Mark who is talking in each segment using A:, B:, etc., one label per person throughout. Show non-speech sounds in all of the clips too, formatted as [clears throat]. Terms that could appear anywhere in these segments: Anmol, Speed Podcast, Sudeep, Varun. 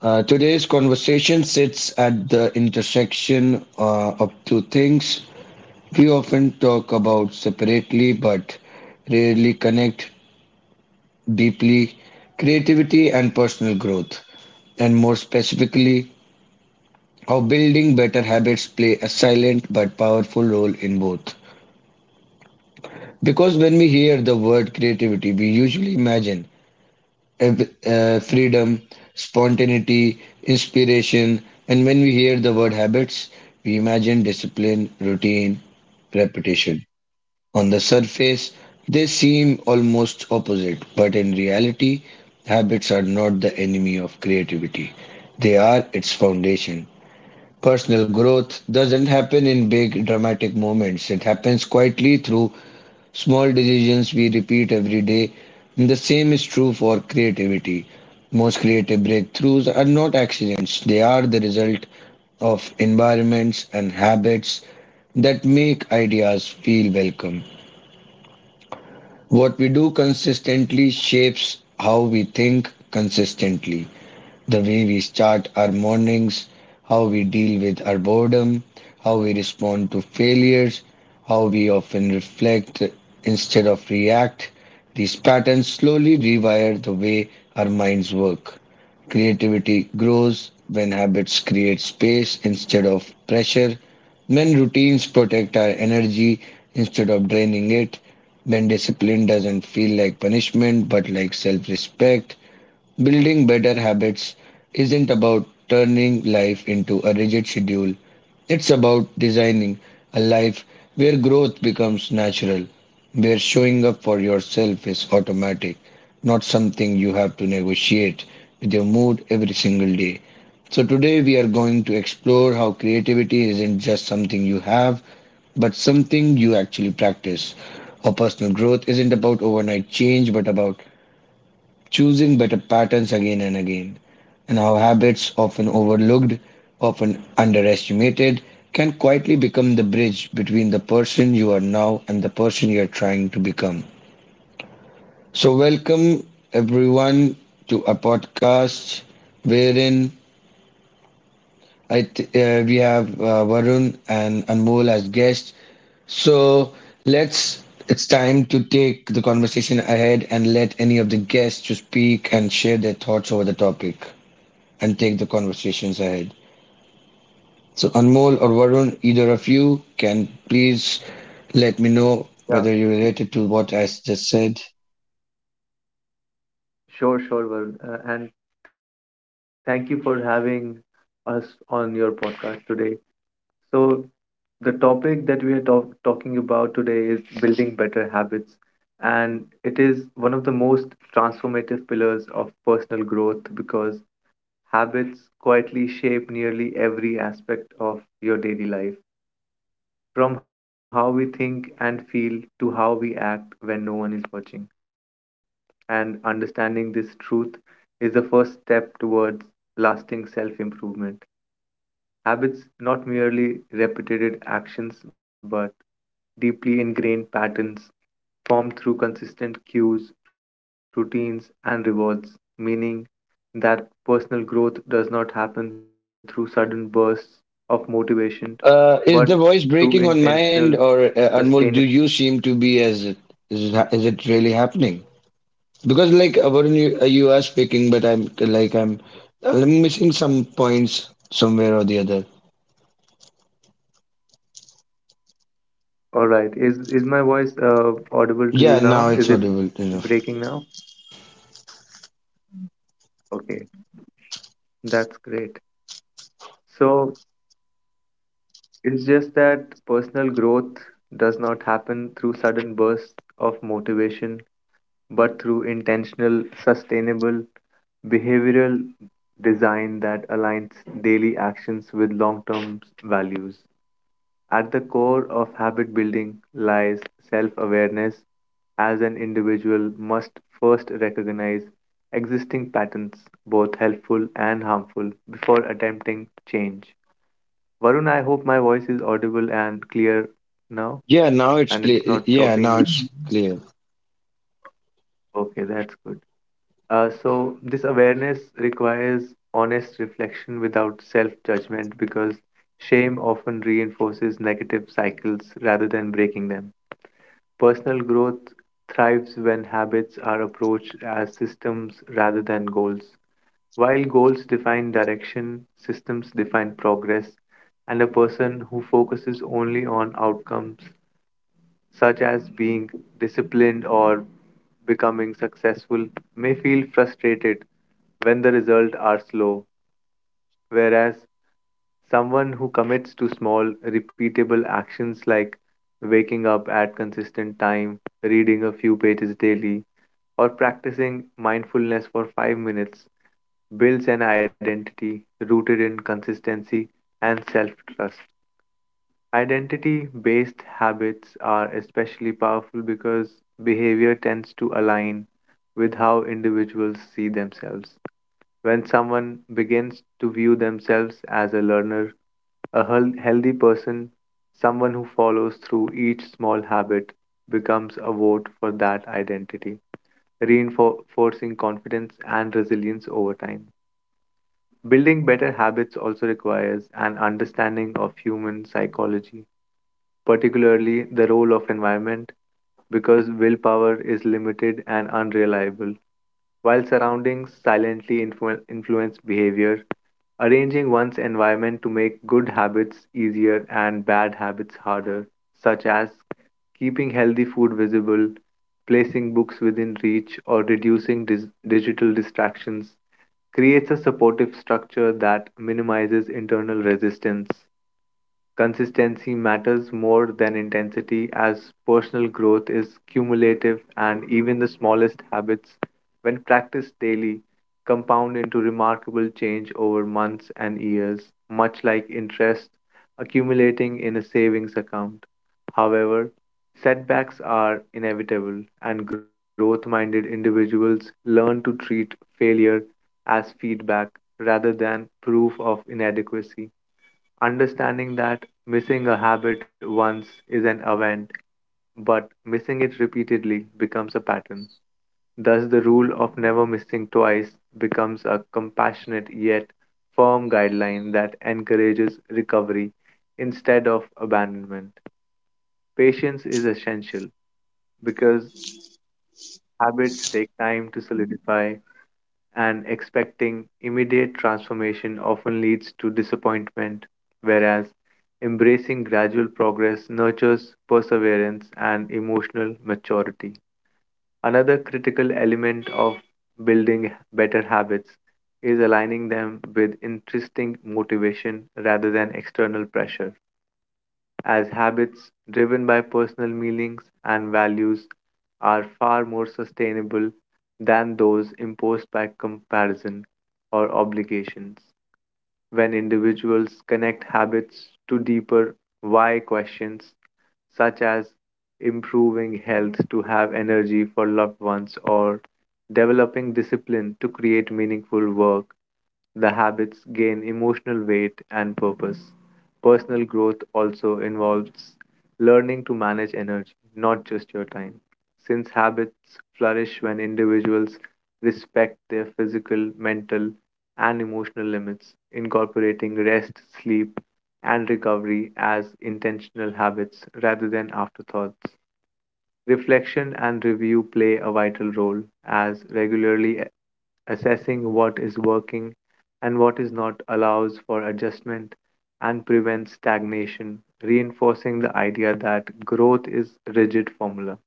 A: Today's conversation sits at the intersection of two things we often talk about separately but rarely connect deeply, creativity and personal growth, and more specifically, how building better habits play a silent but powerful role in both. Because when we hear the word creativity, we usually imagine freedom, spontaneity, inspiration. And when we hear the word habits, we imagine discipline, routine, repetition. On the surface, they seem almost opposite, but in reality, habits are not the enemy of creativity. They are its foundation. Personal growth doesn't happen in big dramatic moments. It happens quietly through small decisions we repeat every day. The same is true for creativity. Most creative breakthroughs are not accidents, they are the result of environments and habits that make ideas feel welcome. What we do consistently shapes how we think consistently, the way we start our mornings, how we deal with our boredom, how we respond to failures, how we often reflect instead of react. These patterns slowly rewire the way our minds work. Creativity grows when habits create space instead of pressure, when routines protect our energy instead of draining it, when discipline doesn't feel like punishment but like self respect. Building better habits isn't about turning life into a rigid schedule. It's about designing a life where growth becomes natural, where showing up for yourself is automatic, not something you have to negotiate with your mood every single day. So, today we are going to explore how creativity isn't just something you have, but something you actually practice. Or personal growth isn't about overnight change, but about choosing better patterns again and again, and how habits, often overlooked, often underestimated, can quietly become the bridge between the person you are now and the person you are trying to become. So, welcome everyone to a podcast wherein we have Varun and Anmol as guests. So, let's, it's time to take the conversation ahead and let any of the guests to speak and share their thoughts over the topic, and take the conversations ahead. So, Anmol or Varun, either of you can please let me know whether you
B: Yeah,
A: related to what I just said.
B: sure, sure, Varun. And thank you for having us on your podcast today. So, the topic that we are talking about today is building better habits. It is one of the most transformative pillars of personal growth because habits quietly shape nearly every aspect of your daily life, from how we think and feel to how we act when no one is watching. And understanding this truth is the first step towards lasting self improvement. Habits, not merely repeated actions, but deeply ingrained patterns formed through consistent cues, routines, and rewards, meaning that personal growth does not happen through sudden bursts of motivation but through
A: Is the voice
B: intentional,
A: breaking on my end,
B: sustainable.
A: or Anmol, do you seem to be as it is? It, is it really happening? Because like Varun, you are speaking, but I'm missing some points somewhere or the other.
B: All right. Is my voice audible to
A: Yeah,
B: you
A: now
B: now?
A: it's
B: Is it
A: audible
B: breaking now?
A: enough.
B: Okay, that's great. So it's just that personal growth does not happen through sudden bursts of motivation, but through intentional, sustainable behavioral design that aligns daily actions with long-term values. At the core of habit building lies self awareness, as an individual must first recognize existing patterns, both helpful and harmful, before attempting change. Varun, I hope my voice is audible and clear
A: Yeah,
B: now,
A: now it's clear.
B: and it's
A: Yeah,
B: not
A: now it's
B: choppy in
A: clear.
B: between. Okay, that's good. So, this awareness requires honest reflection without self judgment because shame often reinforces negative cycles rather than breaking them. Personal growth thrives when habits are approached as systems rather than goals. While goals define direction, systems define progress, and a person who focuses only on outcomes, such as being disciplined or becoming successful, may feel frustrated when the results are slow, whereas someone who commits to small, repeatable actions like waking up at consistent time, reading a few pages daily, or practicing mindfulness for 5 minutes builds an identity rooted in consistency and self-trust. Identity based habits are especially powerful because behavior tends to align with how individuals see themselves. When someone begins to view themselves as a learner, a healthy person, someone who follows through each small habit, becomes a vote for that identity, reinforcing confidence and resilience over time. Building better habits also requires an understanding of human psychology, particularly the role of environment, because willpower is limited and unreliable. While surroundings silently influence behavior, arranging one's environment to make good habits easier and bad habits harder, such as keeping healthy food visible, placing books within reach, or reducing digital distractions, creates a supportive structure that minimizes internal resistance. Consistency matters more than intensity as personal growth is cumulative, and even the smallest habits, when practiced daily, compound into remarkable change over months and years, much like interest accumulating in a savings account. However, setbacks are inevitable, and growth minded individuals learn to treat failure as feedback rather than proof of inadequacy. Understanding that missing a habit once is an event, but missing it repeatedly becomes a pattern. Thus, the rule of never missing twice becomes a compassionate yet firm guideline that encourages recovery instead of abandonment. Patience is essential because habits take time to solidify, and expecting immediate transformation often leads to disappointment, whereas embracing gradual progress nurtures perseverance and emotional maturity. Another critical element of building better habits is aligning them with interesting motivation rather than external pressure, as habits driven by personal meanings and values are far more sustainable than those imposed by comparison or obligations. When individuals connect habits to deeper why questions, such as improving health to have energy for loved ones or developing discipline to create meaningful work, the habits gain emotional weight and purpose. Personal growth also involves learning to manage energy, not just your time, since habits flourish when individuals respect their physical, mental, and emotional limits, incorporating rest, sleep, and recovery as intentional habits rather than afterthoughts. Reflection and review play a vital role as regularly assessing what is working and what is not allows for adjustment and prevents stagnation, reinforcing the idea that growth is rigid formula.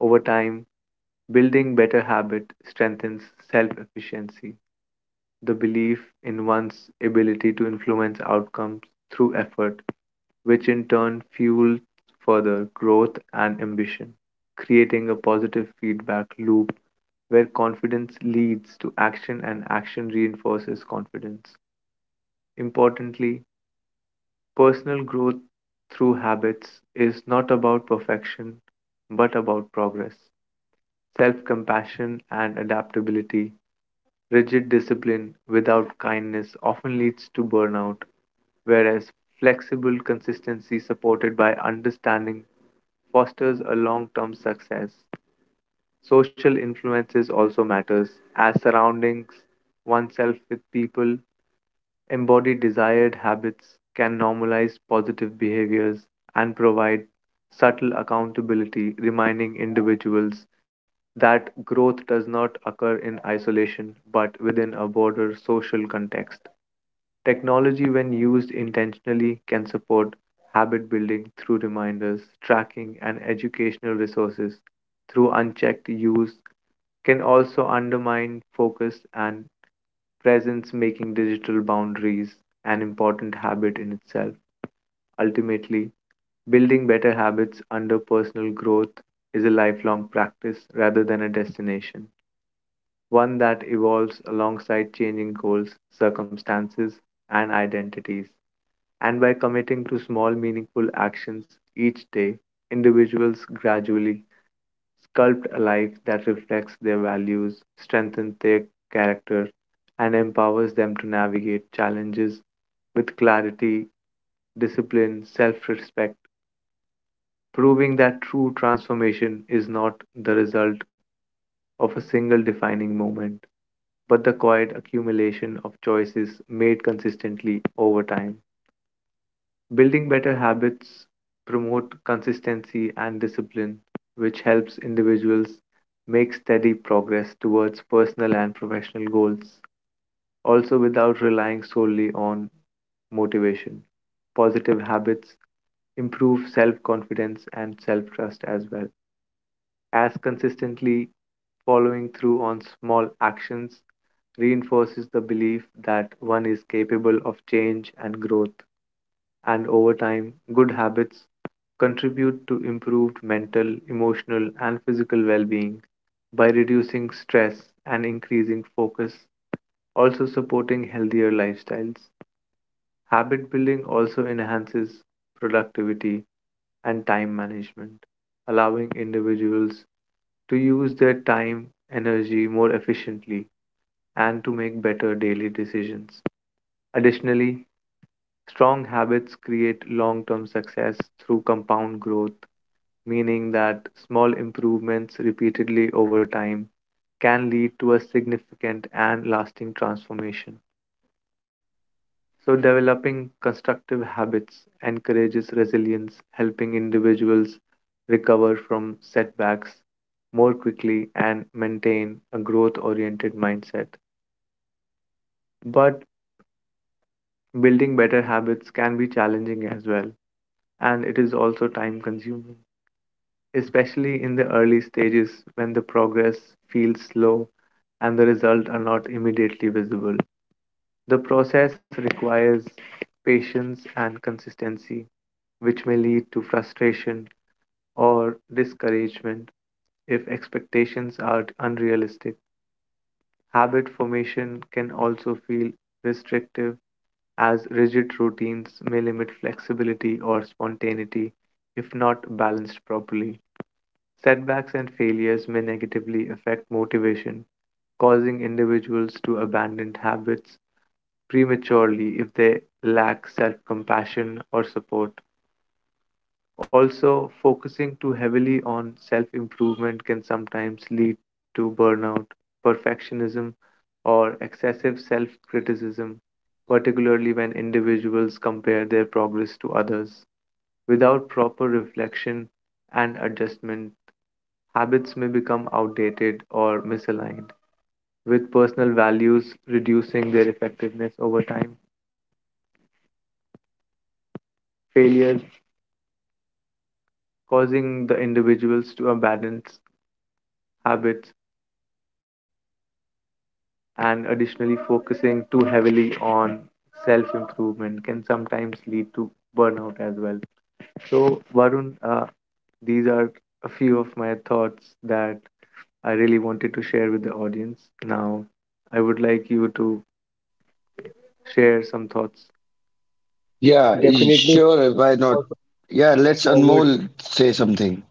B: Over time, building better habit strengthens self efficiency, the belief in one's ability to influence outcomes through effort, which in turn fuels further growth and ambition, creating a positive feedback loop where confidence leads to action and action reinforces confidence. Importantly, personal growth through habits is not about perfection, but about progress. Self compassion and adaptability, rigid discipline without kindness often leads to burnout, whereas flexible consistency supported by understanding fosters a long term success. Social influences also matters, as surroundings oneself with people embody desired habits, can normalize positive behaviors, and provide subtle accountability, reminding individuals that growth does not occur in isolation but within a broader social context. Technology, when used intentionally, can support habit building through reminders, tracking, and educational resources through unchecked use can also undermine focus and presence, making digital boundaries an important habit in itself. Ultimately, building better habits under personal growth is a lifelong practice rather than a destination, one that evolves alongside changing goals, circumstances, and identities. And by committing to small, meaningful actions each day, individuals gradually sculpt a life that reflects their values, strengthens their character, and empowers them to navigate challenges with clarity, discipline, self respect, proving that true transformation is not the result of a single defining moment, but the quiet accumulation of choices made consistently over time. Building better habits promote consistency and discipline, which helps individuals make steady progress towards personal and professional goals, also without relying solely on motivation. Positive habits improve self confidence and self trust, as well as consistently following through on small actions reinforces the belief that one is capable of change and growth. And over time, good habits contribute to improved mental, emotional, and physical well being by reducing stress and increasing focus, also supporting healthier lifestyles. Habit building also enhances productivity and time management, allowing individuals to use their time energy more efficiently and to make better daily decisions. Additionally, strong habits create long-term success through compound growth, meaning that small improvements repeatedly over time can lead to a significant and lasting transformation. So, developing constructive habits encourages resilience, helping individuals recover from setbacks more quickly and maintain a growth oriented mindset. But building better habits can be challenging as well, and it is also time consuming, especially in the early stages when the progress feels slow and the results are not immediately visible. The process requires patience and consistency, which may lead to frustration or discouragement if expectations are unrealistic. Habit formation can also feel restrictive, as rigid routines may limit flexibility or spontaneity if not balanced properly. Setbacks and failures may negatively affect motivation, causing individuals to abandon habits prematurely if they lack self compassion or support. Also, focusing too heavily on self improvement can sometimes lead to burnout, perfectionism, or excessive self criticism, particularly when individuals compare their progress to others. Without proper reflection and adjustment, habits may become outdated or misaligned, with personal values reducing their effectiveness over time. Failures causing the individuals to abandon habits, and additionally focusing too heavily on self improvement can sometimes lead to burnout as well. So, Varun, these are a few of my thoughts that I really wanted to share with the audience. Now I would like you to share some thoughts.
A: Yeah,
C: Definitely
A: sure. Why not?
C: more
A: Yeah, let's
C: forward.
A: Anmol say something.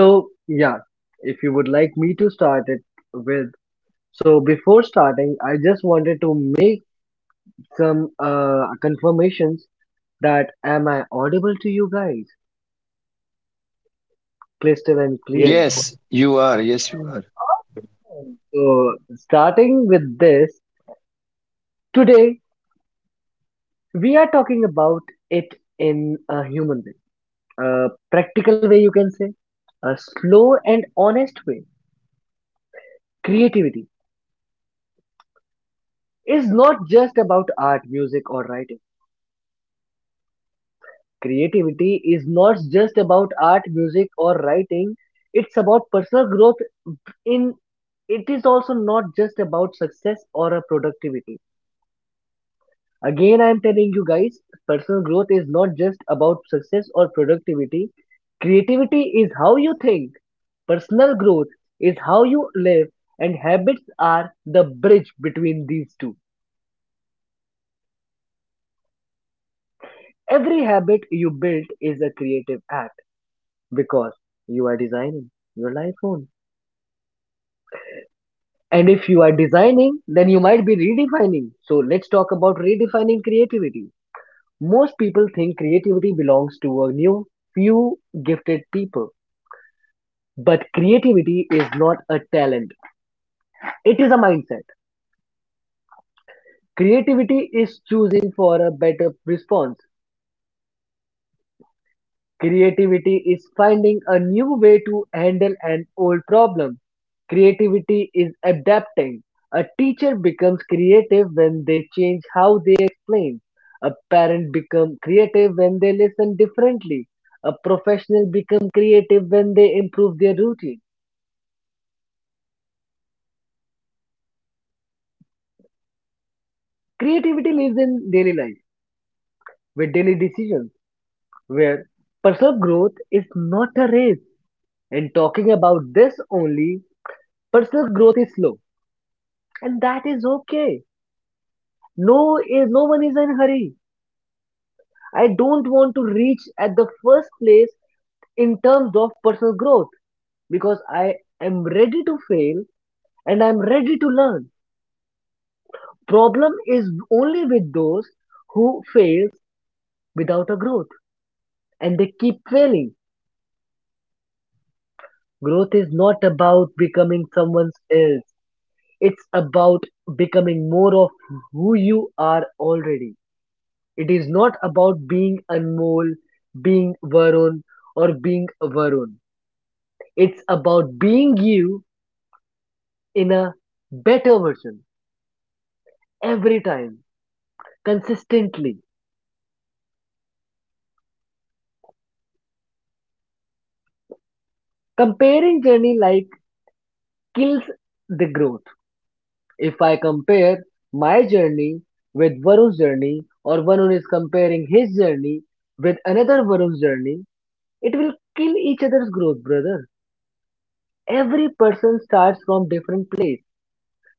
C: So, yeah, if you would like me to start it with, so before starting, I just wanted to make some confirmations that am I audible to you guys, crystal and
B: Yes.
C: clear?
A: Yes, you are. Yes, you are.
C: So, starting with this, today we are talking about it in a human way, a practical way, you can say, a slow and honest way. Creativity is not just about art, music, or writing. Creativity is not just about art, music, or writing. It's about personal growth. In it is also not just about success or a productivity. Again, I am telling you guys, personal growth is not just about success or productivity. Creativity is how you think. Personal growth is how you live, and habits are the bridge between these two. Every habit you build is a creative act because you are designing your life own. And if you are designing, then you might be redefining. So let's talk about redefining creativity. Most people think creativity belongs to a new, few gifted people. But creativity is not a talent, it is a mindset. Creativity is choosing for a better response. Creativity is finding a new way to handle an old problem. Creativity is adapting. A teacher becomes creative when they change how they explain. A parent becomes creative when they listen differently. A professional becomes creative when they improve their routine. Creativity lives in daily life with daily decisions where personal growth is not a race. And talking about this only, personal growth is slow, and that is okay. No, is no one is in hurry. I don't want to reach at the first place in terms of personal growth because I am ready to fail and I'm ready to learn. Problem is only with those who fails without a growth and they keep failing. Growth is not about becoming someone else. It's about becoming more of who you are already. It is not about being Anmol, being Varun, or being Varun. It's about being you in a better version every time, consistently. Comparing journey like kills the growth. If I compare my journey with Varun's journey, or Varun is comparing his journey with another Varun's journey, it will kill each other's growth, brother. Every person starts from different place.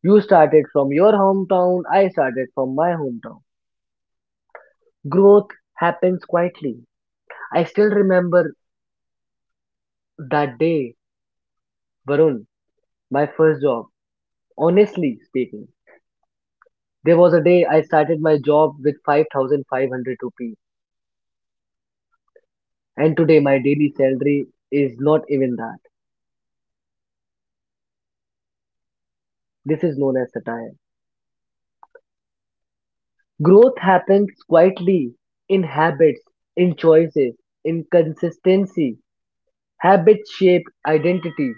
C: You started from your hometown, I started from my hometown. Growth happens quietly. I still remember that day, Varun, my first job. Honestly speaking, there was a day I started my job with 5,500 rupees, and today my daily salary is not even that. This is known as satire. Growth happens quietly in habits, in choices, in consistency. Habits shape identity.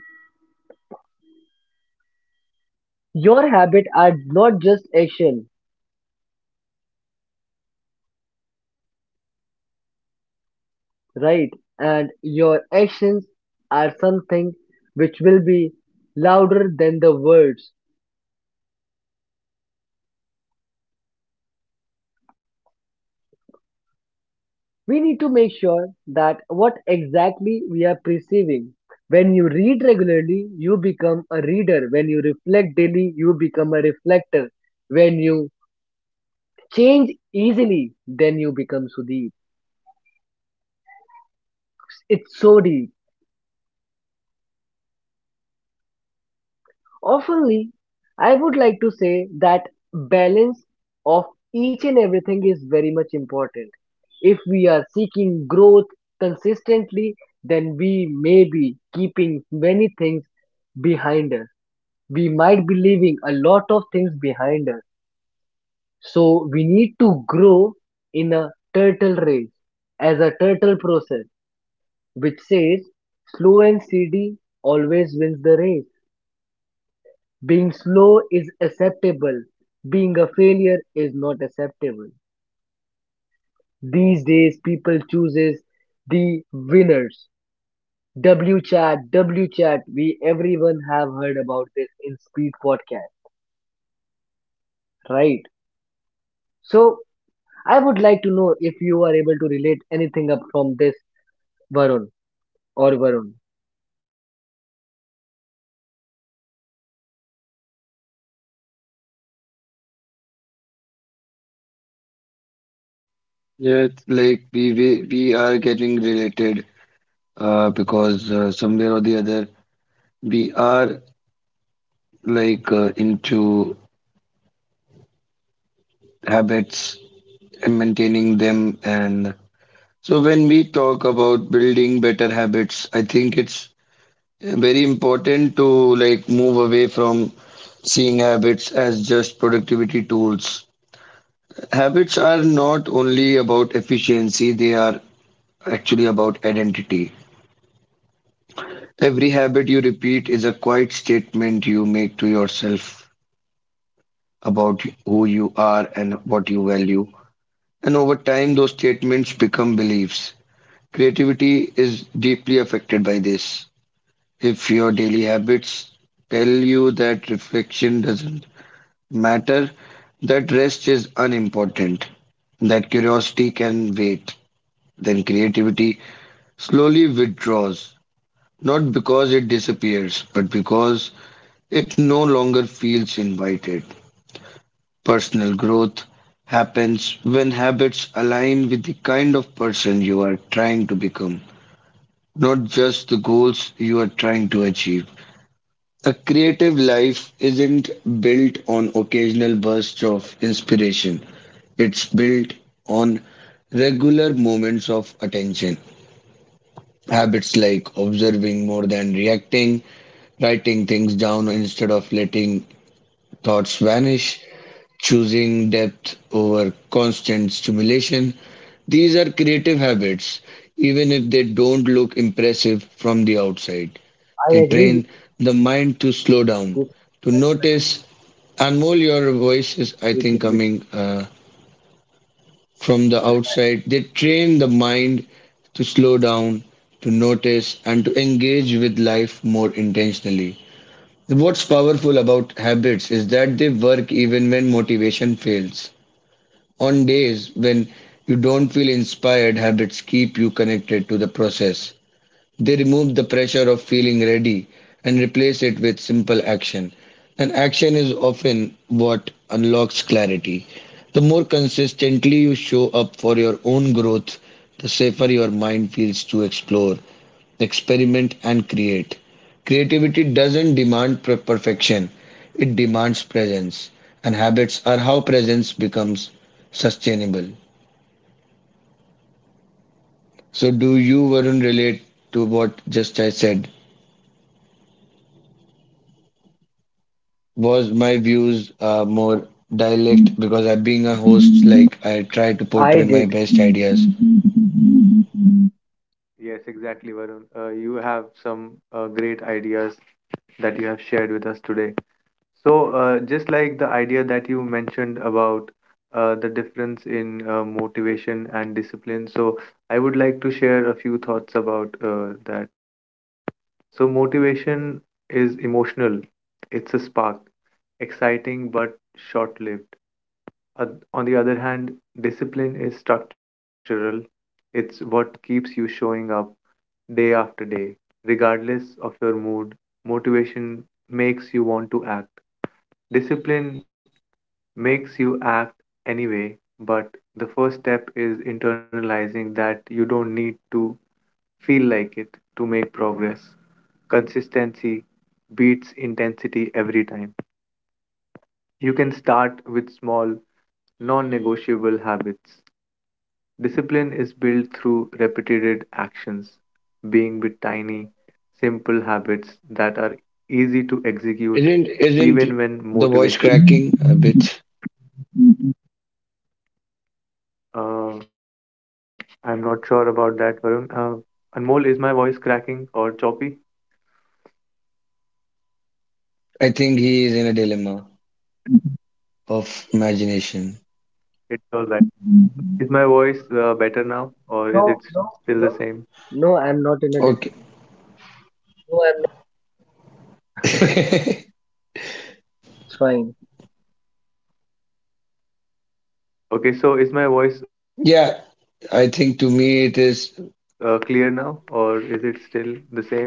C: Your habits are not just action, right? And your actions are something which will be louder than the words. We need to make sure that what exactly we are perceiving. When you read regularly, you become a reader. When you reflect daily, you become a reflector. When you change easily, then you become Sudeep. It's so deep. Oftenly, I would like to say that balance of each and everything is very much important. If we are seeking growth consistently, then we may be keeping many things behind us. We might be leaving a lot of things behind us. So we need to grow in a turtle race as a turtle process, which says slow and steady always wins the race. Being slow is acceptable. Being a failure is not acceptable. These days, people chooses the winners. W chat, W chat. We everyone have heard about this in Speed Podcast, right? So I would like to know if you are able to relate anything up from this, Varun or Varun.
A: Yeah, it's like we are getting related because somewhere or the other we are like into habits and maintaining them. And so when we talk about building better habits, I think it's very important to like move away from seeing habits as just productivity tools. Habits are not only about efficiency, they are actually about identity. Every habit you repeat is a quiet statement you make to yourself about who you are and what you value. And over time, those statements become beliefs. Creativity is deeply affected by this. If your daily habits tell you that reflection doesn't matter, that rest is unimportant, that curiosity can wait, then creativity slowly withdraws, not because it disappears, but because it no longer feels invited. Personal growth happens when habits align with the kind of person you are trying to become, not just the goals you are trying to achieve. A creative life isn't built on occasional bursts of inspiration, it's built on regular moments of attention. Habits like observing more than reacting, writing things down instead of letting thoughts vanish, choosing depth over constant stimulation. These are creative habits, even if they don't look impressive from the outside.
C: I
A: They
C: agree
A: train the mind to slow down,
C: with this.
A: to
C: I'm not
A: notice, and more your voices, I think,
C: related with
A: coming from the
C: her.
A: outside. They train the mind to slow down, to notice, and to engage with life more intentionally. What's powerful about habits is that they work even when motivation fails. On days when you don't feel inspired, habits keep you connected to the process. They remove the pressure of feeling ready and replace it with simple action. And action is often what unlocks clarity. The more consistently you show up for your own growth, the safer your mind feels to explore, experiment, and create. Creativity doesn't demand perfection, it demands presence. And habits are how presence becomes sustainable. So, do you, Varun, relate to what just I said? Was my views more dialect because I, being a host, like I try to
C: I
A: portray
C: did.
A: my best ideas.
B: Yes, exactly. Varun, you have some great ideas that you have shared with us today. So, just like the idea that you mentioned about the difference in motivation and discipline, so I would like to share a few thoughts about that. So, motivation is emotional, it's a spark, exciting but short lived. Uh, on the other hand, discipline is structural. It's what keeps you showing up day after day, regardless of your mood. Motivation makes you want to act. Discipline makes you act anyway, but the first step is internalizing that you don't need to feel like it to make progress. Consistency beats intensity every time. You can start with small, non negotiable habits. Discipline is built through repeated actions, being with tiny, simple habits that are easy to execute
A: Isn't
B: even when
A: the voice cracking
B: motivation.
A: a bit?
B: [laughs] Uh, I'm not sure about that, Varun. Anmol, is my voice cracking or choppy?
A: I think he is in a dilemma of imagination.
B: It's all right. Is my voice better now or is it
C: No, no,
B: still
C: no.
B: the same?
C: No, I'm not in a dis-.
A: Okay.
C: No, I'm not.
A: [laughs]
C: It's fine.
B: Okay, so is my voice clear
A: Yeah,
B: now or is
A: I
B: it
A: think to
B: still the
A: me it
B: same?
A: is,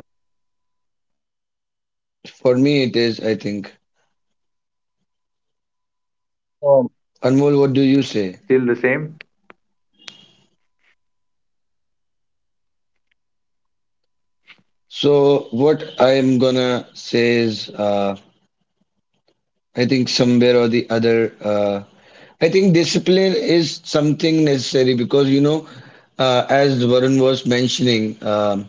B: Still the same?
A: for me it is, I think.
C: It's on.
A: Anmol, what do you say? So, what I'm gonna say is, I think somewhere or the other, I think discipline is something necessary because you know, as Varun was mentioning,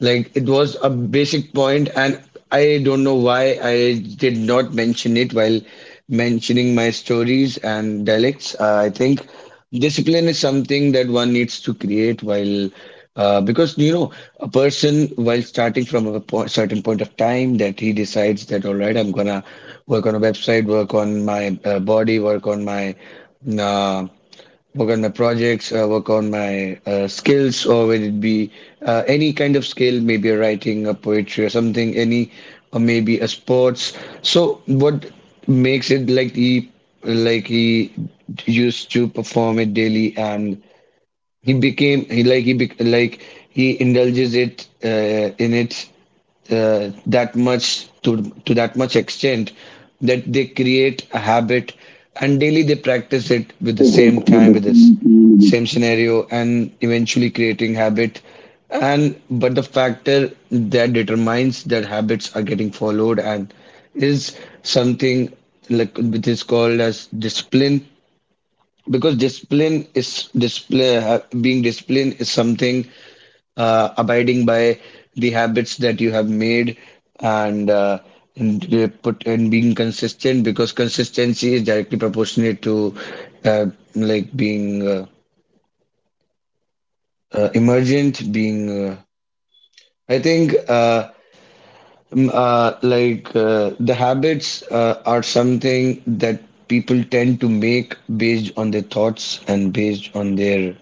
A: like it was a basic point, and I don't know why I did not mention it while mentioning my stories and dialects. I think discipline is something that one needs to create while. Because you know a person while starting from a certain point of time that he decides that all right, I'm gonna work on a website, work on my body, uh, work on my projects, work on my skills, or will it be any kind of skill, maybe a writing, a poetry, or something, any, or maybe a sports. So what makes it like he used to perform it daily, and he became he like he bec- like he indulges it in it that much to that much extent that they create a habit and daily they practice it with the same time with this same scenario and eventually creating habit, and but the factor that determines that habits are getting followed and is something like which is called as discipline because discipline is display ha- being disciplined is something abiding by the habits that you have made and uh, and put and being consistent because consistency is directly proportionate to uh, like being emergent being I think like the habits are something that people tend to make based on their thoughts and based on their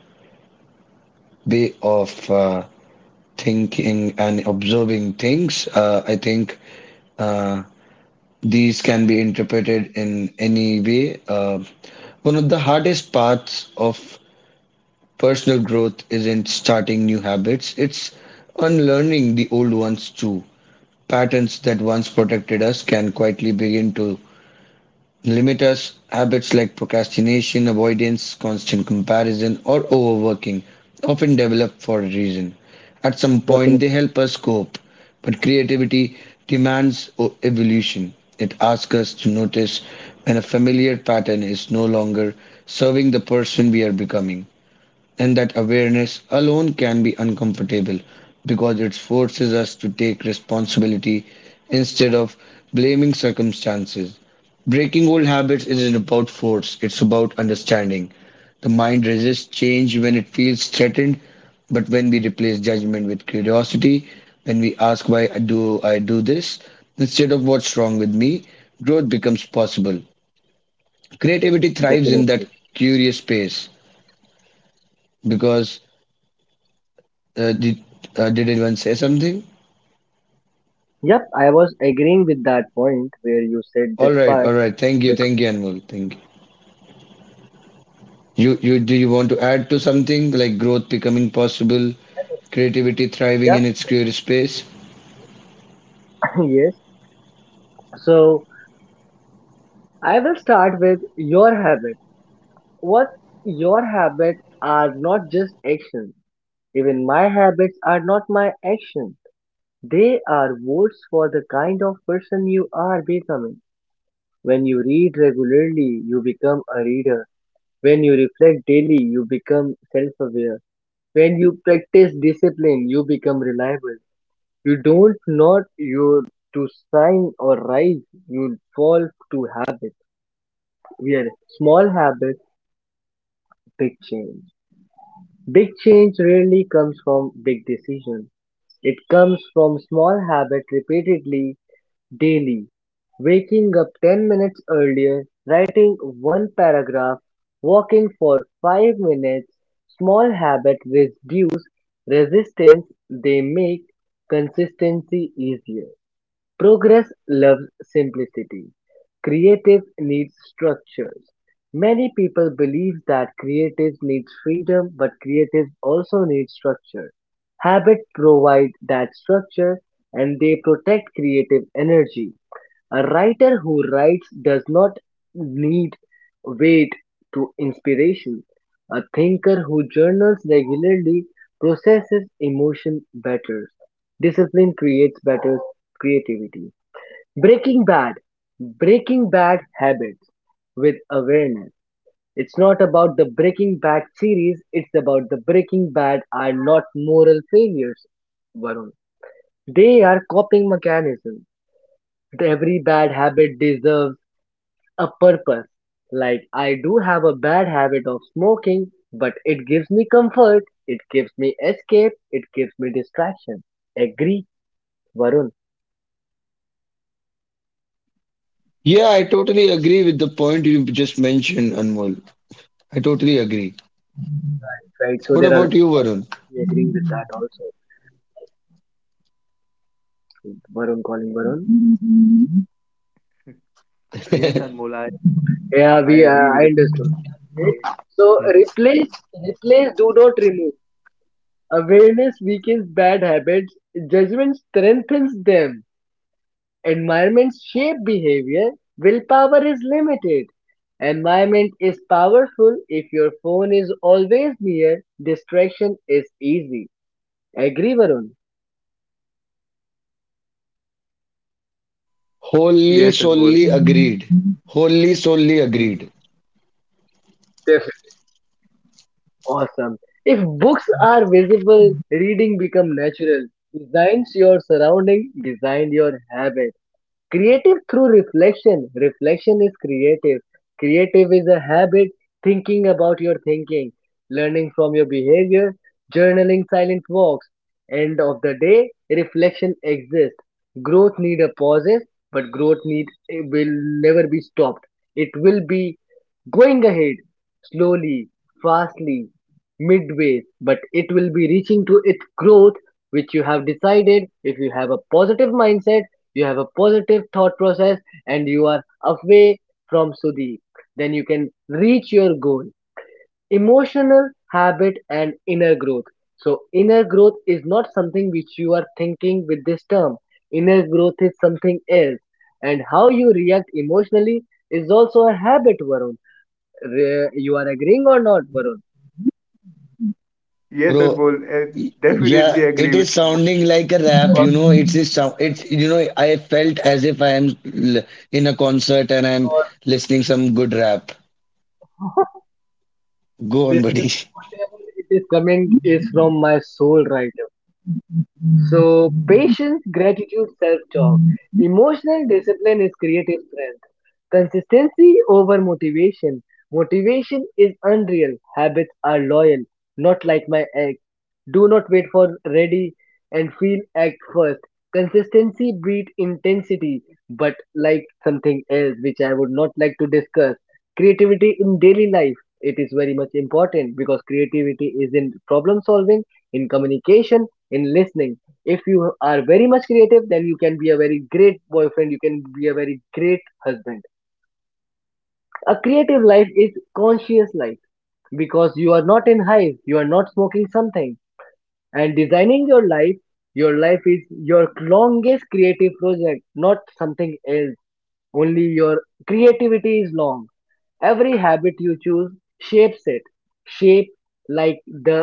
A: way of thinking and observing things. I think uh, these can be interpreted in any way. One of the hardest parts of personal growth isn't starting new habits, it's unlearning the old ones too. Patterns that once protected us can quietly begin to limiters, habits like procrastination, avoidance, constant comparison, or overworking often develop for a reason. At some point,
C: Definitely.
A: they help us cope, but creativity demands evolution. It asks us to notice when a familiar pattern is no longer serving the person we are becoming. And that awareness alone can be uncomfortable because it forces us to take responsibility instead of blaming circumstances. Breaking old habits isn't about force, it's about understanding. The mind resists change when it feels threatened, but when we replace judgment with curiosity, when we ask why I do this instead of what's wrong with me, growth becomes possible. Creativity thrives in that
C: Definitely.
A: curious space because Uh, did did anyone say something?
C: Yep, I was agreeing with that point where you said
A: All
C: this
A: right, all
C: part
A: right. Thank
C: because,
A: you, Anmol. Thank you. You do you want to add to something like growth becoming possible, creativity thriving in
C: yep,
A: its creative space?
C: [laughs] yes. So I will start with your habit. What your habit are not just actions. Even my habits are not my actions. They are votes for the kind of person you are becoming. When you read regularly, you become a reader. When you reflect daily, you become self aware. When you practice discipline, you become reliable. You don't nod your to sign or rise, you'll fall to habit. Where small habit, big change. Big change rarely comes from big decisions. It comes from small habit repeatedly, daily. Waking up 10 minutes earlier, writing one paragraph, walking for 5 minutes. Small habit reduce resistance, they make consistency easier. Progress loves simplicity. Creatives need structures. Many people believe that creatives need freedom, but creatives also need structure. Habits provide that structure and they protect creative energy. A writer who writes does not need wait to inspiration. A thinker who journals regularly processes emotion better. Discipline creates better creativity. Breaking bad. Breaking bad habits with awareness. It's not about the Breaking Bad series, it's about the Breaking Bad are not moral failures, Varun. They are coping mechanisms. Every bad habit deserves a purpose. Like, I do have a bad habit of smoking, but it gives me comfort, it gives me escape, it gives me distraction. Agree, Varun?
A: Yeah, I totally agree with the point you just mentioned, Anmol. I totally agree.
C: Right, so
A: What
C: there are
A: about you, Varun?
C: we agree with that also. Varun calling Varun.
B: Mm-hmm.
A: [laughs]
B: Yes,
C: Yeah, we
B: Anmol,
C: I understood.
B: I agree
C: Okay.
B: with it.
C: So replace
B: Mm.
C: replace do not remove. Awareness weakens bad habits. Judgment strengthens them. Environment shape behavior. Willpower is limited. Environment is powerful if your phone is always near. Distraction is easy. Agree, Varun?
A: Wholly, solely agreed.
B: Yes, Anmol.
A: Wholly, solely agreed,
B: Mhm.
C: Awesome. If books are visible, reading become natural. Designs your surrounding, design your habit. Creative through reflection. Reflection is creative. Creative is a habit, thinking about your thinking, learning from your behavior, journaling silent walks. End of the day, reflection exists. Growth need a pauses, but growth need will never be stopped. It will be going ahead slowly, fastly, midway, but it will be reaching to its growth which you have decided. If you have a positive mindset, you have a positive thought process and you are away from Sudeep, then you can reach your goal. Emotional habit and inner growth. So, inner growth is not something which you are thinking with this term. Inner growth is something else, and how you react emotionally is also a habit, Varun. You are agreeing or not, Varun?
A: bro.
B: Yes, Anmol, I
A: Yeah, it is
B: definitely
A: sounding
B: agree
A: like
B: with
A: a
B: the
A: rap, you know. It's a sound.
B: point.
A: It's, you know, I felt as if in a concert and I'm
C: Or
A: listening some good rap. Go on,
C: this is
A: buddy.
C: whatever it is coming is from my soul, right? So, patience, gratitude, self talk. Emotional discipline is creative strength. Consistency over motivation. Motivation is unreal. Habits are loyal, not like my egg. Do not wait for ready and feel act first. Consistency breed intensity, but like something else which I would not like to discuss. Creativity in daily life. It is very much important because creativity is in problem solving, in communication, in listening. If you are very much creative, then you can be a very great boyfriend, you can be a very great husband. A creative life is conscious life because you are not in hive, you are not smoking something and designing your life. Your life is your longest creative project, not something else. Only your creativity is long. Every habit you choose shapes it, shape like the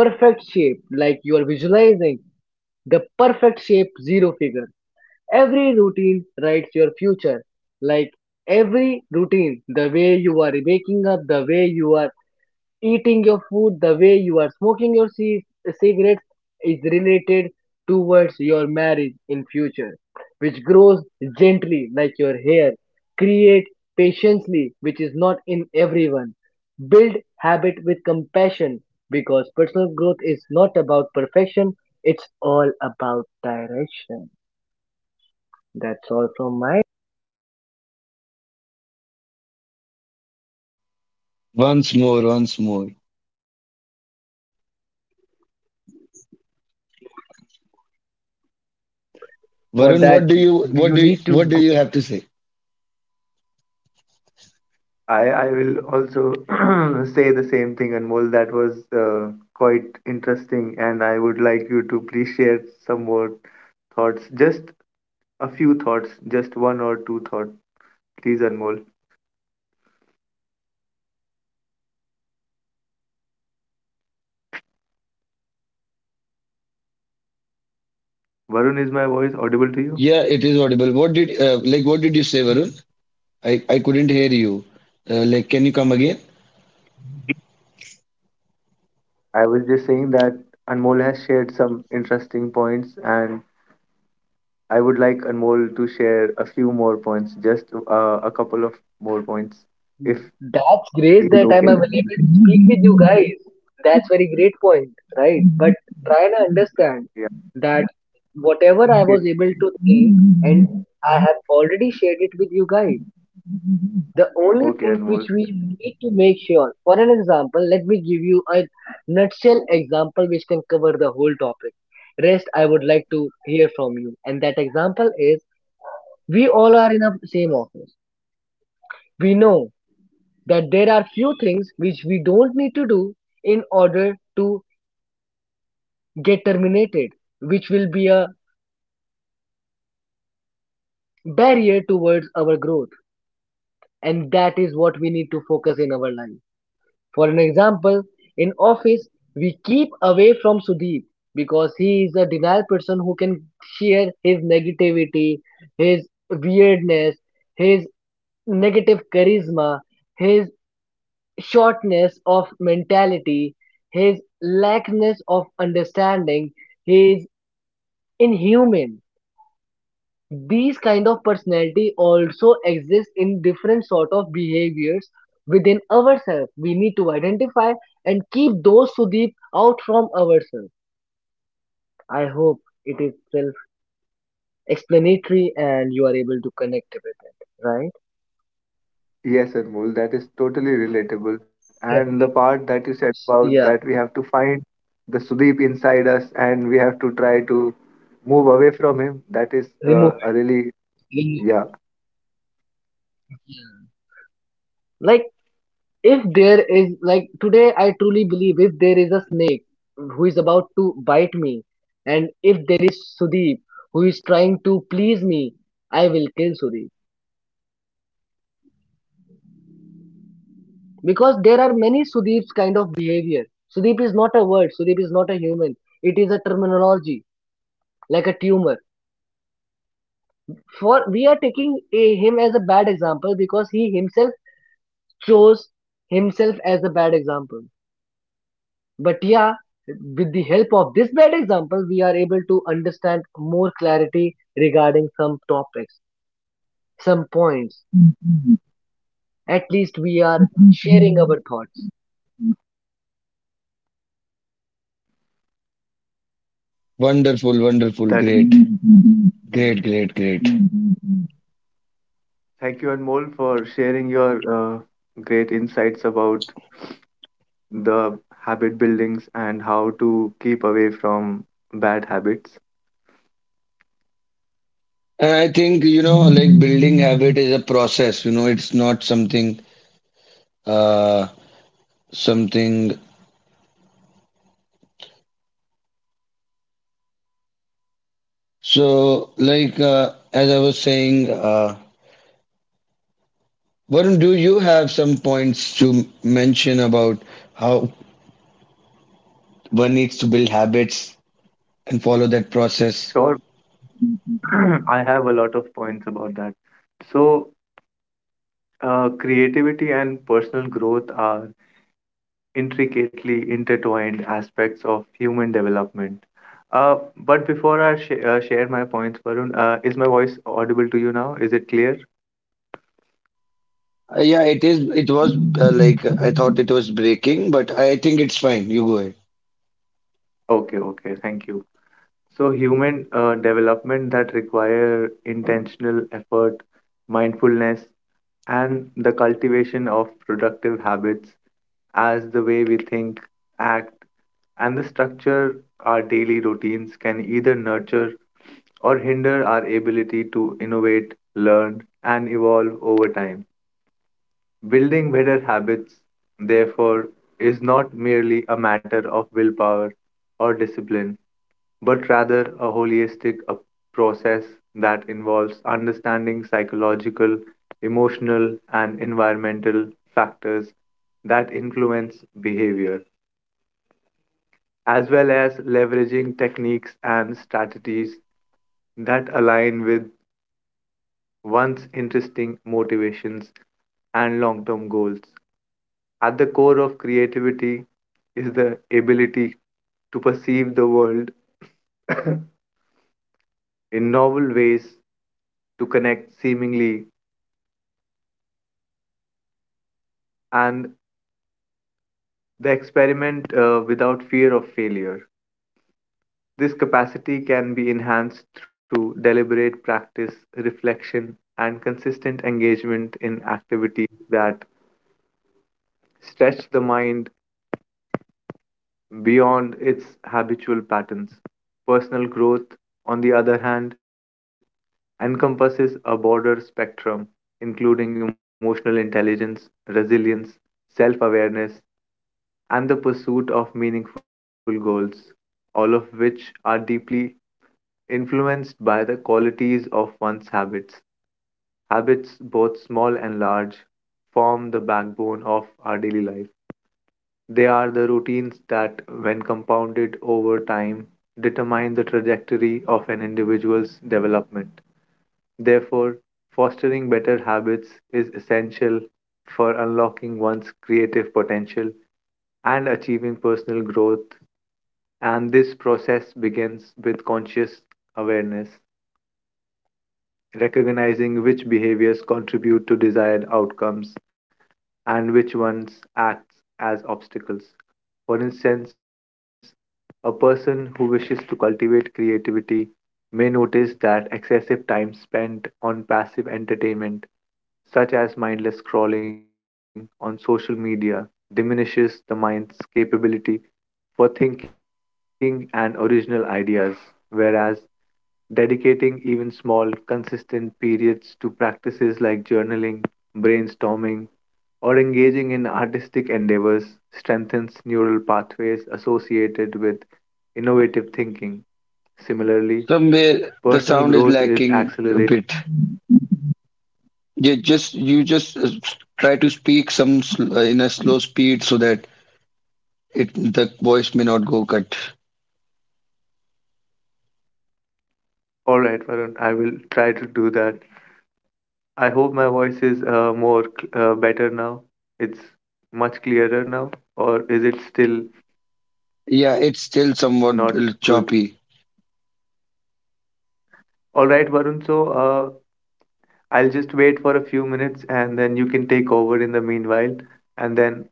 C: perfect shape, like you are visualizing the perfect shape zero figure. Every routine writes your future. Like every routine, the way you are waking up, the way you are eating your food, the way you are smoking your cigarettes is related towards your marriage in future, which grows gently like your hair. Create patiently, which is not in everyone. Build habit with compassion because personal growth is not about perfection, it's all about direction. That's all from my
A: [laughs] Once more, once more.
C: for
A: Varun,
C: that
A: what do you
C: you need to
A: what do
C: go.
A: you have to say?
B: I will also [clears throat] say the same thing, Anmol. That was quite interesting, and I would like you to please share some more thoughts. Just a few thoughts, just one or two thoughts, please, Anmol. Varun, is my voice audible to you?
A: Yeah, it is audible. What did like what did you say, Varun? I couldn't hear you. Like, can you come again?
B: I was just saying that Anmol has shared some interesting points, and I would like Anmol to share a few more points, just a couple of more points, if
C: That's grace that
B: he's
C: I'm
B: okay.
C: available to speak with you guys. That's very great point, right? But try and understand
B: Yeah.
C: that whatever I was
B: Okay.
C: able to think, and I have already shared it with you guys, the only thing
B: Okay,
C: which we
B: Anmol.
C: need to make sure, for an example, let me give you a nutshell example which can cover the whole topic, rest I would like to hear from you. And that example is we all are in a same office. We know that there are few things which we don't need to do in order to get terminated, which will be a barrier towards our growth. And that is what we need to focus in our life. For an example, in office, we keep away from Sudeep because he is a denial person who can share his negativity, his weirdness, his negative charisma, his shortness of mentality, his lackness of understanding, he is inhuman. These kind of personality also exist in different sort of behaviors within ourselves. We need to identify and keep those Sudeep out from ourselves. I hope it is self-explanatory and you are able to connect with it, right?
B: Yes, Anmol, that is totally relatable. And the
C: Yes.
B: part that you said about that
C: Yeah.
B: we have to find the Sudeep inside us and we have to try to move away from him, that is
C: Remove.
B: a really,
C: Remove.
B: yeah,
C: Like if there is, like, today I truly believe if there is a snake who is about to bite me and if there is Sudeep who is trying to please me, I will kill Sudeep because there are many Sudeep's kind of behavior. Sudeep is not a word, Sudeep is not a human, it is a terminology like a tumor. For we are taking a, him as a bad example because he himself chose himself as a bad example. But yeah, with the help of this bad example, we are able to understand more clarity regarding some topics, some points. At least we are sharing our thoughts.
A: Wonderful, wonderful,
B: that
A: great, great, great, great.
B: mhm. Thank you, Anmol, for sharing your great insights about the habit buildings and how to keep away from bad habits.
A: And I think you know, like building habit is a process. You know, it's not something. Uh, something. So, like as I was saying, Varun, do you have some points to mention about how one needs to build habits and follow that
B: Sure.
A: process?
B: [clears throat] I have a lot of points about that. So, creativity and personal growth are intricately intertwined aspects of human development. But before I share my points, Varun, is my voice audible to you now? Is it clear?
A: Yeah, it is. It was like I thought it was breaking, but I think it's fine. You go ahead.
B: Okay, okay, thank you. So, human development that require intentional effort, mindfulness, and the cultivation of productive habits as the way we think, act, and the structure our daily routines can either nurture or hinder our ability to innovate, learn, and evolve over time. Building better habits, therefore, is not merely a matter of willpower or discipline but rather a holistic a process that involves understanding psychological, emotional, and environmental factors that influence behavior, as well as leveraging techniques and strategies that align with one's interesting motivations and long term goals. At the core of creativity is the ability to perceive the world [coughs] in novel ways to connect seemingly and the experiment without fear of failure. This capacity can be enhanced through deliberate practice, reflection, and consistent engagement in activities that stretch the mind beyond its habitual patterns. Personal growth, on the other hand, encompasses a broader spectrum, including emotional intelligence, resilience, self awareness, and the pursuit of meaningful goals, all of which are deeply influenced by the qualities of one's habits. Habits, both small and large, form the backbone of our daily life. They are the routines that, when compounded over time, determine the trajectory of an individual's development. Therefore, fostering better habits is essential for unlocking one's creative potential and achieving personal growth. And this process begins with conscious awareness recognizing which behaviors contribute to desired outcomes and which ones act as obstacles. For instance, a person who wishes to cultivate creativity may notice that excessive time spent on passive entertainment, such as mindless scrolling on social media, diminishes the mind's capability for thinking and original ideas, whereas dedicating even small, consistent periods to practices like journaling, brainstorming, or engaging in artistic endeavors strengthens neural pathways associated with innovative thinking. Similarly,
A: Somewhere
B: personal
A: the
B: growth
A: sound
B: is
A: is lacking
B: accelerated.
A: a bit. You just try to speak some in a slow speed so that it the voice may not go cut.
B: All right, Varun, I will try to do that. I hope my voice is more better now. It's much clearer now, or is it still
A: Yeah, it's still somewhat
B: not good?
A: choppy.
B: All right, Varun. So, I'll just wait for a few minutes, and then you can take over in the meanwhile, and then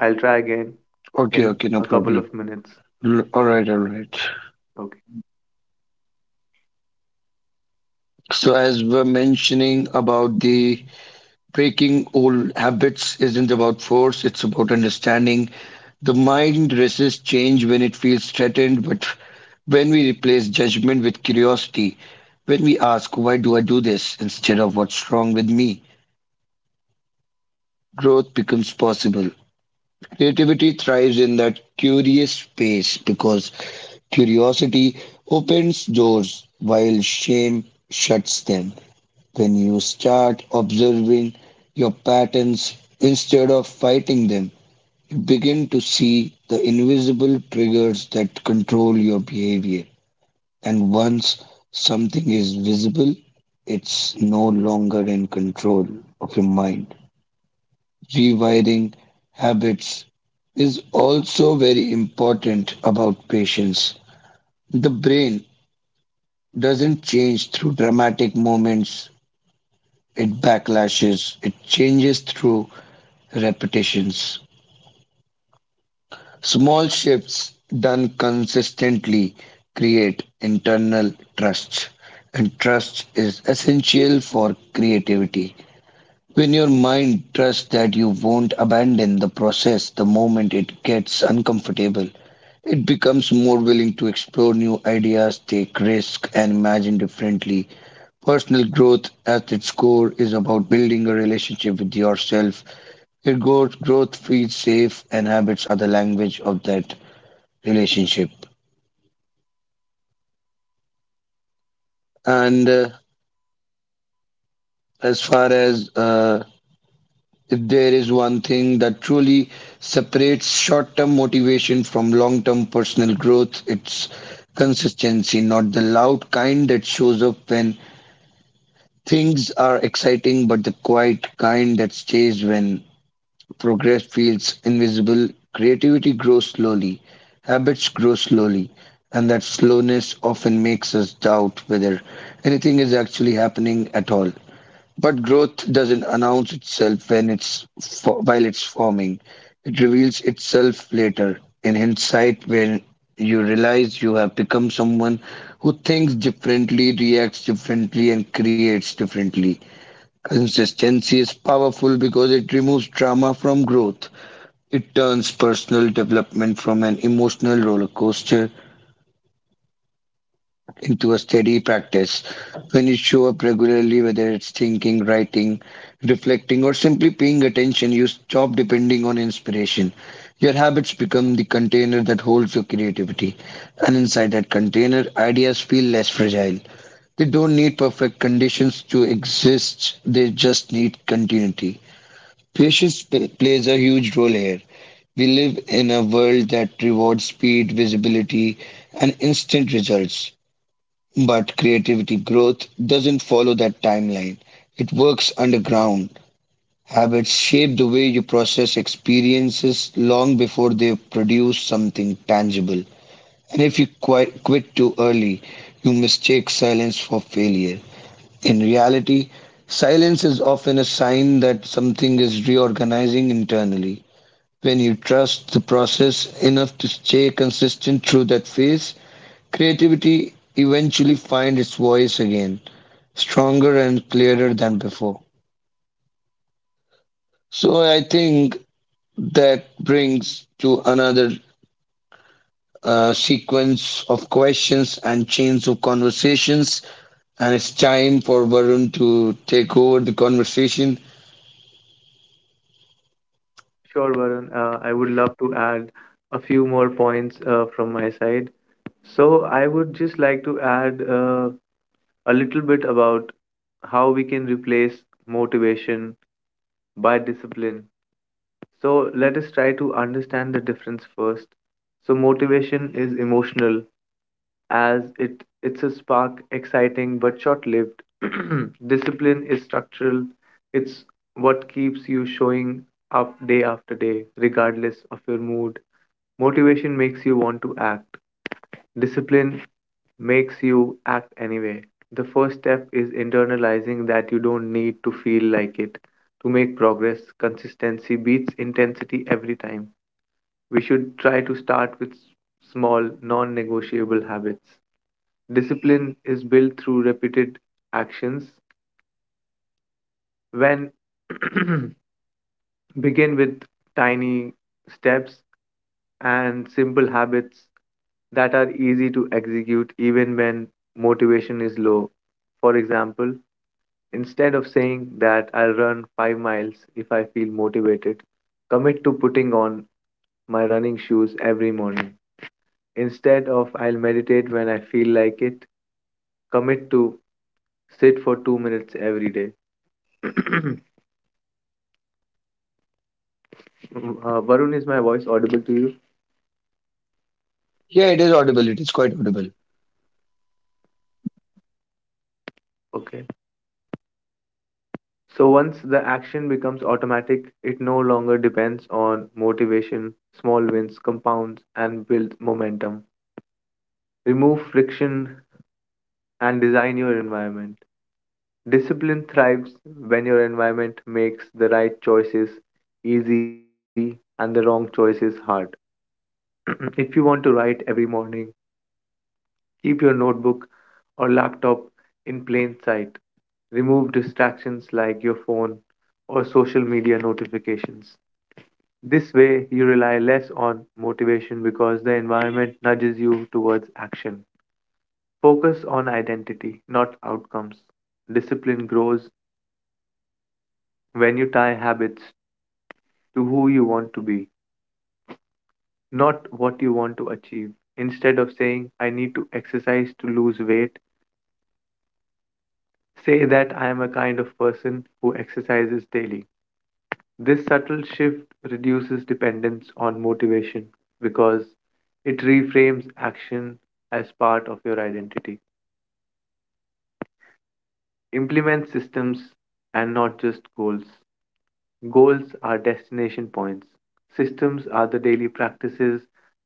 B: I'll try again
A: Okay,
B: in
A: okay, no
B: a couple
A: problem.
B: of minutes.
A: All right, all right.
B: Okay.
A: So, as we're mentioning about the breaking old habits isn't about force, it's about understanding. The mind resists change when it feels threatened, but when we replace judgment with curiosity, when we ask, why do I do this, instead of what's wrong with me, growth becomes possible. Creativity thrives in that curious space because curiosity opens doors while shame shuts them. When you start observing your patterns instead of fighting them, you begin to see the invisible triggers that control your behavior. And once something is visible, it's no longer in control of your mind. Rewiring habits is also very important about patience. The brain doesn't change through dramatic moments, it backlashes, it changes through repetitions. Small shifts done consistently create internal trust, and trust is essential for creativity. When your mind trusts that you won't abandon the process the moment it gets uncomfortable, it becomes more willing to explore new ideas, take risks, and imagine differently. Personal growth at its core is about building a relationship with yourself. Your growth feels safe and habits are the language of that relationship. And as far as If there is one thing that truly separates short term motivation from long term personal growth, it's consistency, not the loud kind that shows up when things are exciting, but the quiet kind that stays when progress feels invisible. Creativity grows slowly, habits grow slowly, and that slowness often makes us doubt whether anything is actually happening at all. But growth doesn't announce itself while it's forming. It reveals itself later in hindsight when you realize you have become someone who thinks differently, reacts differently, and creates differently. Consistency is powerful because it removes drama from growth. It turns personal development from an emotional roller coaster into a steady practice. When you show up regularly, whether it's thinking, writing, reflecting, or simply paying attention, you stop depending on inspiration. Your habits become the container that holds your creativity. And inside that container, ideas feel less fragile. They don't need perfect conditions to exist, they just need continuity. Plays a huge role here. We live in a world that rewards speed, visibility, and instant results. But creativity growth doesn't follow that timeline. It works underground. Habits shape the way you process experiences long before they produce something tangible. And if you quit too early, you mistake silence for failure. In reality, silence is often a sign that something is reorganizing internally. When you trust the process enough to stay consistent through that phase, creativity eventually finds its voice again stronger and clearer than before. So I think that brings to another sequence of questions and chains of conversations, and it's time for Varun to take over the conversation.
B: Sure, Varun. I would love to add a few more points from my side. So I would just like to add a little bit about how we can replace motivation by discipline. So let us try to understand the difference first. So motivation is emotional, as it's a spark exciting but short-lived. [clears throat] Discipline is structural. It's what keeps you showing up day after day regardless of your mood. Motivation makes you want to act. Discipline makes you act anyway. The first step is internalizing that you don't need to feel like it to make progress. Consistency beats intensity every time. We should try to start with small non-negotiable habits. Discipline is built through repeated actions. When [clears throat] begin with tiny steps and simple habits that are easy to execute even when motivation is low. For example, instead of saying that I'll run 5 miles if I feel motivated, commit to putting on my running shoes every morning. Instead of I'll meditate when I feel like it, commit to sit for 2 minutes every day. [clears throat] uh, Varun, is my voice audible to you?
A: Yeah, it is audible. It is quite audible.
B: Okay. So once the action becomes automatic, it no longer depends on motivation, small wins, compounds, and momentum. Remove friction and design your environment. Discipline thrives when your environment makes the right choices easy and the wrong choices hard. [clears throat] If you want to write every morning, keep your notebook or laptop in plain sight. Remove distractions like your phone or social media notifications. This way, you rely less on motivation because the environment nudges towards action. Focus on identity, not outcomes. Discipline grows when you tie habits to who you want to be, not what you want to achieve. Instead of saying, I need to exercise to lose weight, say that I am a kind of person who exercises daily. This subtle shift reduces dependence on motivation because it reframes action as part of your identity. Implement systems and not just goals. Goals are destination points, systems are the daily practices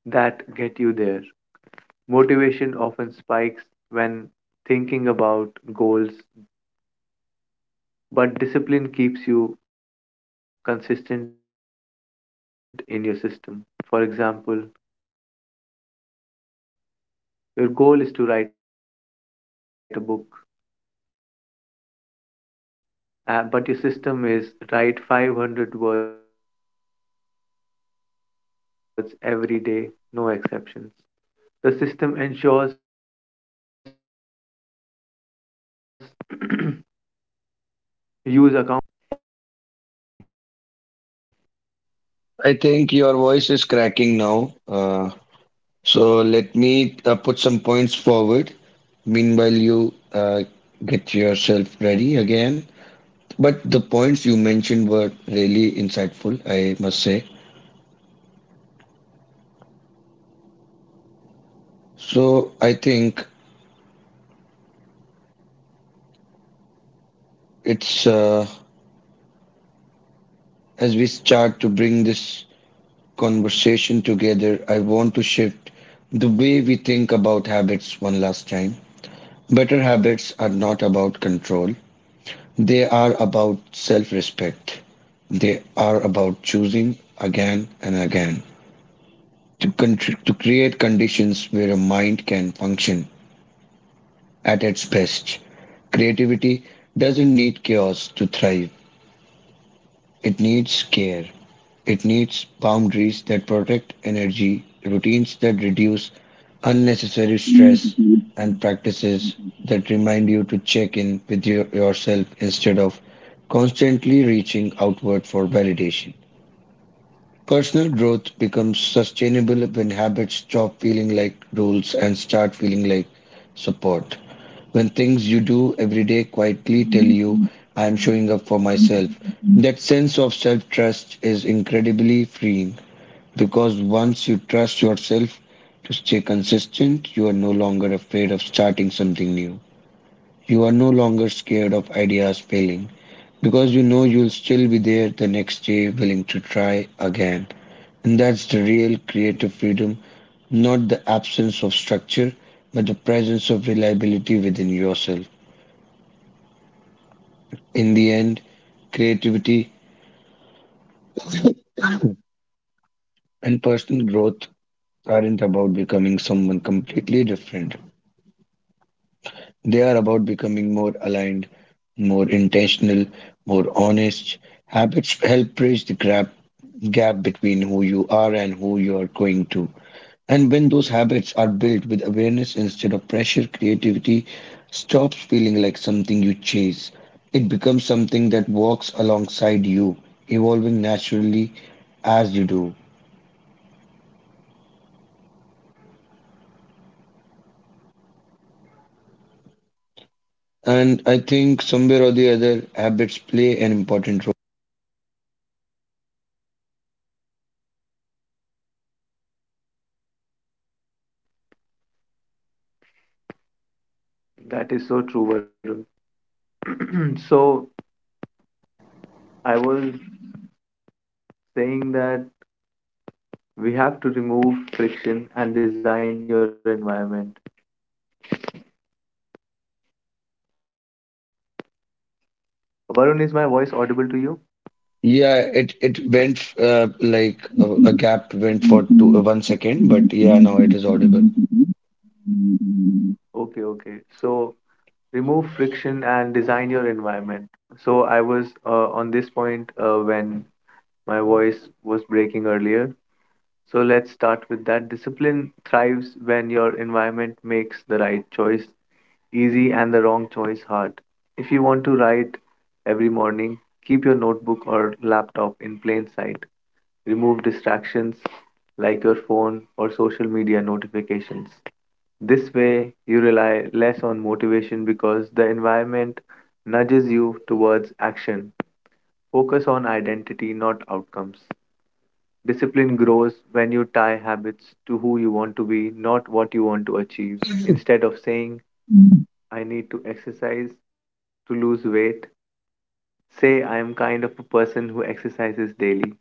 B: that get you there. Motivation often spikes when thinking about goals, but discipline keeps you consistent in your system. For example, your goal is to write a book but your system is write 500 words every day, no exceptions. The system ensures progress regardless of emotional spikes. Use accountability and commitments.
A: I think your voice is cracking now. So let me put some points forward. Meanwhile, you get yourself ready again. But the points you mentioned were really insightful, I must say. So I think it's as we start to bring this conversation together, I want to shift the way we think about habits one last time. Better habits are not about control, they are about self respect. They are about choosing again and again to create conditions where a mind can function at its best. Creativity doesn't need chaos to thrive. It needs care. It needs boundaries that protect energy, routines that reduce unnecessary stress, and practices that remind you to check in with yourself instead of constantly reaching outward for validation. Personal growth becomes sustainable when habits stop feeling like rules and start feeling like support. When things you do every day quietly tell you, I am showing up for myself. That sense of self trust is incredibly freeing because once you trust yourself to stay consistent, you are no longer afraid of starting something new. You are no longer scared of ideas failing because you know you'll still be there the next day, willing to try again. And that's the real creative freedom, not the absence of structure, but the presence of reliability within yourself. In the end, creativity and personal growth aren't about becoming someone completely different. They are about becoming more aligned, more intentional, more honest. Habits help bridge the gap between who you are and who you are going to. And when those habits are built with awareness instead of pressure, creativity stops feeling like something you chase. It becomes something that walks alongside you, evolving naturally as you do. And I think somewhere or the other, habits play an important role.
B: That is so true, Varun. [clears throat] So I was saying that we have to remove friction and design your environment. Varun, is my voice audible to you?
A: Yeah, it went a gap went for 1 second, but yeah, now it is audible.
B: Okay, okay. So remove friction and design your environment. So I was on this point when my voice was breaking earlier. So let's start with that. Discipline thrives when environment makes the right choice easy and the wrong choice hard. If you want to write every morning, keep your notebook or laptop in plain sight. Remove distractions like your phone or social media notifications. This way, you rely less on motivation because the environment nudges you towards action. Focus on identity, not outcomes. Discipline grows when you tie habits to who you want to be, not what you want to achieve. Instead of saying, I need to exercise to lose weight, say, I am kind of a person who exercises daily.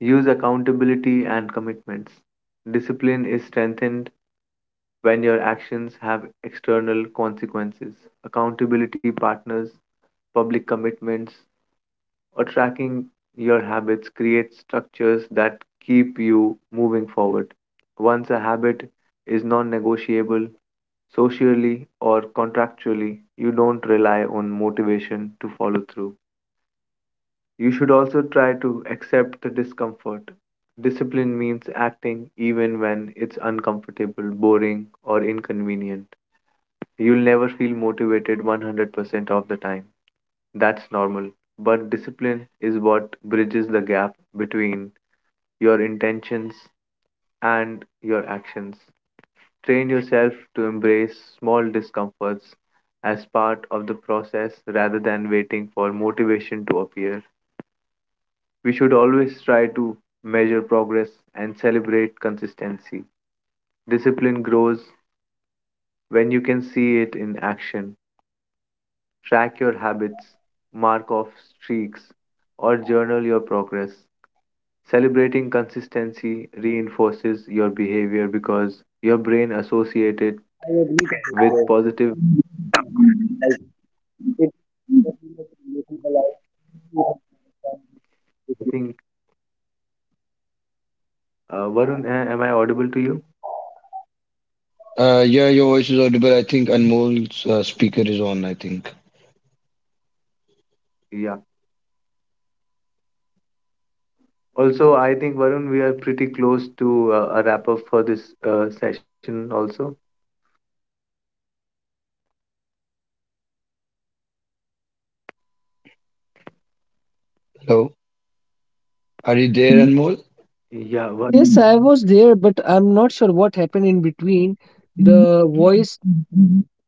B: Use accountability and commitments. Discipline is strengthened when your actions have external consequences. Accountability partners, public commitments, or tracking your habits creates structures that keep you moving forward. Once a habit is non negotiable socially or contractually, you don't rely on motivation to follow through. You should also try to accept the discomfort. Discipline means acting even when it's uncomfortable, boring, or inconvenient. You'll never feel motivated 100% of the time. That's normal. But discipline is what bridges the gap between your intentions and your actions. Train yourself to embrace small discomforts as part of the process rather than waiting for motivation to appear. We should always try to measure progress and celebrate consistency. Discipline grows when you can see it in action. Track your habits, mark off streaks, or journal your progress. Celebrating consistency reinforces your behavior because your brain associates it
C: I agree to this
B: with
C: word.
B: positive.
C: Like, it's definitely relatable.
B: I think, Varun, am I audible to you?
A: Yeah, your voice is audible. I think Anmol's speaker is on, I think.
B: Yeah. Also, I think, Varun, we are pretty close to a wrap up for this session, also.
A: Hello, are you there, Anmol?
B: Yeah, Varun,
C: Yes, yes, I was there, but I'm not sure what happened in between. The voice,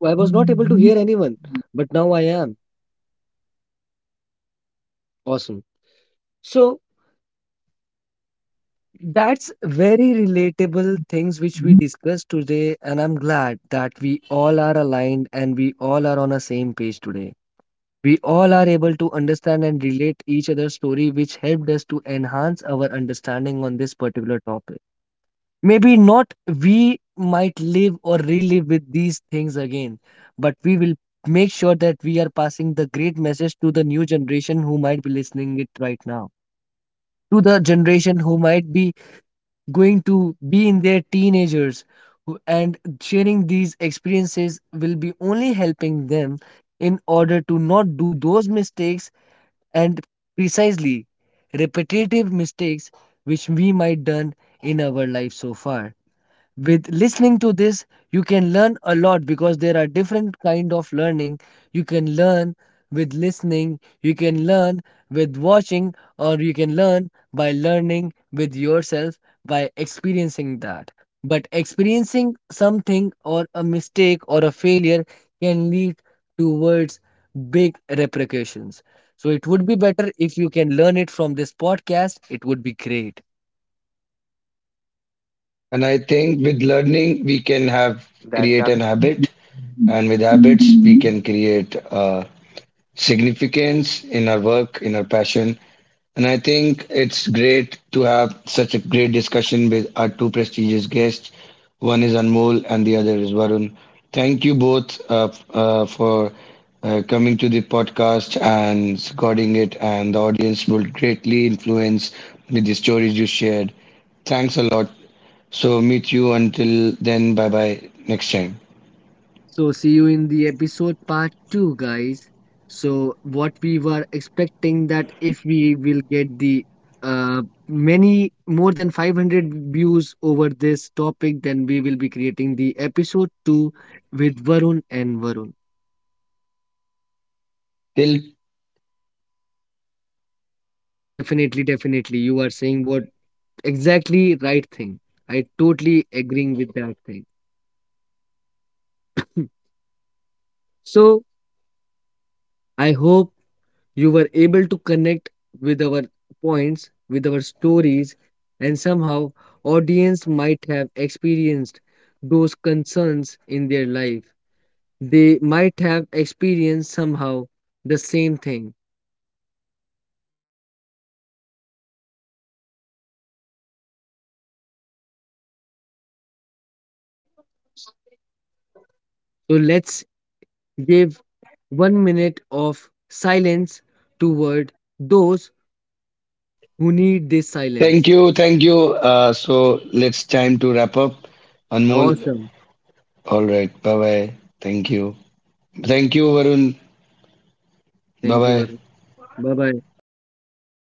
C: I was not able to hear anyone, but now I am. Awesome. So that's very relatable things which we discussed today, and I'm glad that we all are aligned and we all are on the same page today. We all are able to understand and relate each other's story, which helped us to enhance our understanding on this particular topic. Maybe not we might live or relive with these things again, but we will make sure that we are passing the great message to the new generation who might be listening it right now, to the generation who might be going to be in their teenagers who- and sharing these experiences will be only helping them in order to not do those mistakes and precisely repetitive mistakes which we might done in our life so far. With listening to this, you can learn a lot because there are different kind of learning. You can learn with listening, you can learn with watching, or you can learn by learning with yourself by experiencing that. But experiencing something or a mistake or a failure can lead towards big repercussions. So it would be better if you can learn it from this podcast, it would be great.
A: And I think with learning, we can
B: that's
A: have
B: ab-
A: create an habit, and with
B: [laughs]
A: habits, we can create significance in our work, in our passion. And I think it's great to have such a great discussion with our two prestigious guests. One is Anmol and the other is Varun. Thank you both for coming to the podcast and recording it, and the audience will greatly influence with the stories you shared. Thanks a lot. So, meet you until then. Bye bye. Next time.
C: So, see you in the episode part 2, guys. So, what we were expecting that if we will get the uh, many more than 500 views over this topic, then we will be creating the episode 2 with Varun and Varun.
A: Till
C: Definitely, definitely. You are saying what exactly right thing. I totally agreeing with that thing. So, I hope you were able to connect with our points with our stories and somehow audience might have experienced those concerns in their life. They might have experienced somehow the same thing. So let's give 1 minute of silence toward those who need this
A: thank
C: silence.
A: you, thank you. So let's time to wrap up. Anmol,
C: Awesome.
A: all right, bye bye. Thank you, thank you, Varun. Bye
C: Thank you,
A: bye.
C: Varun. Bye bye.
B: Thank you.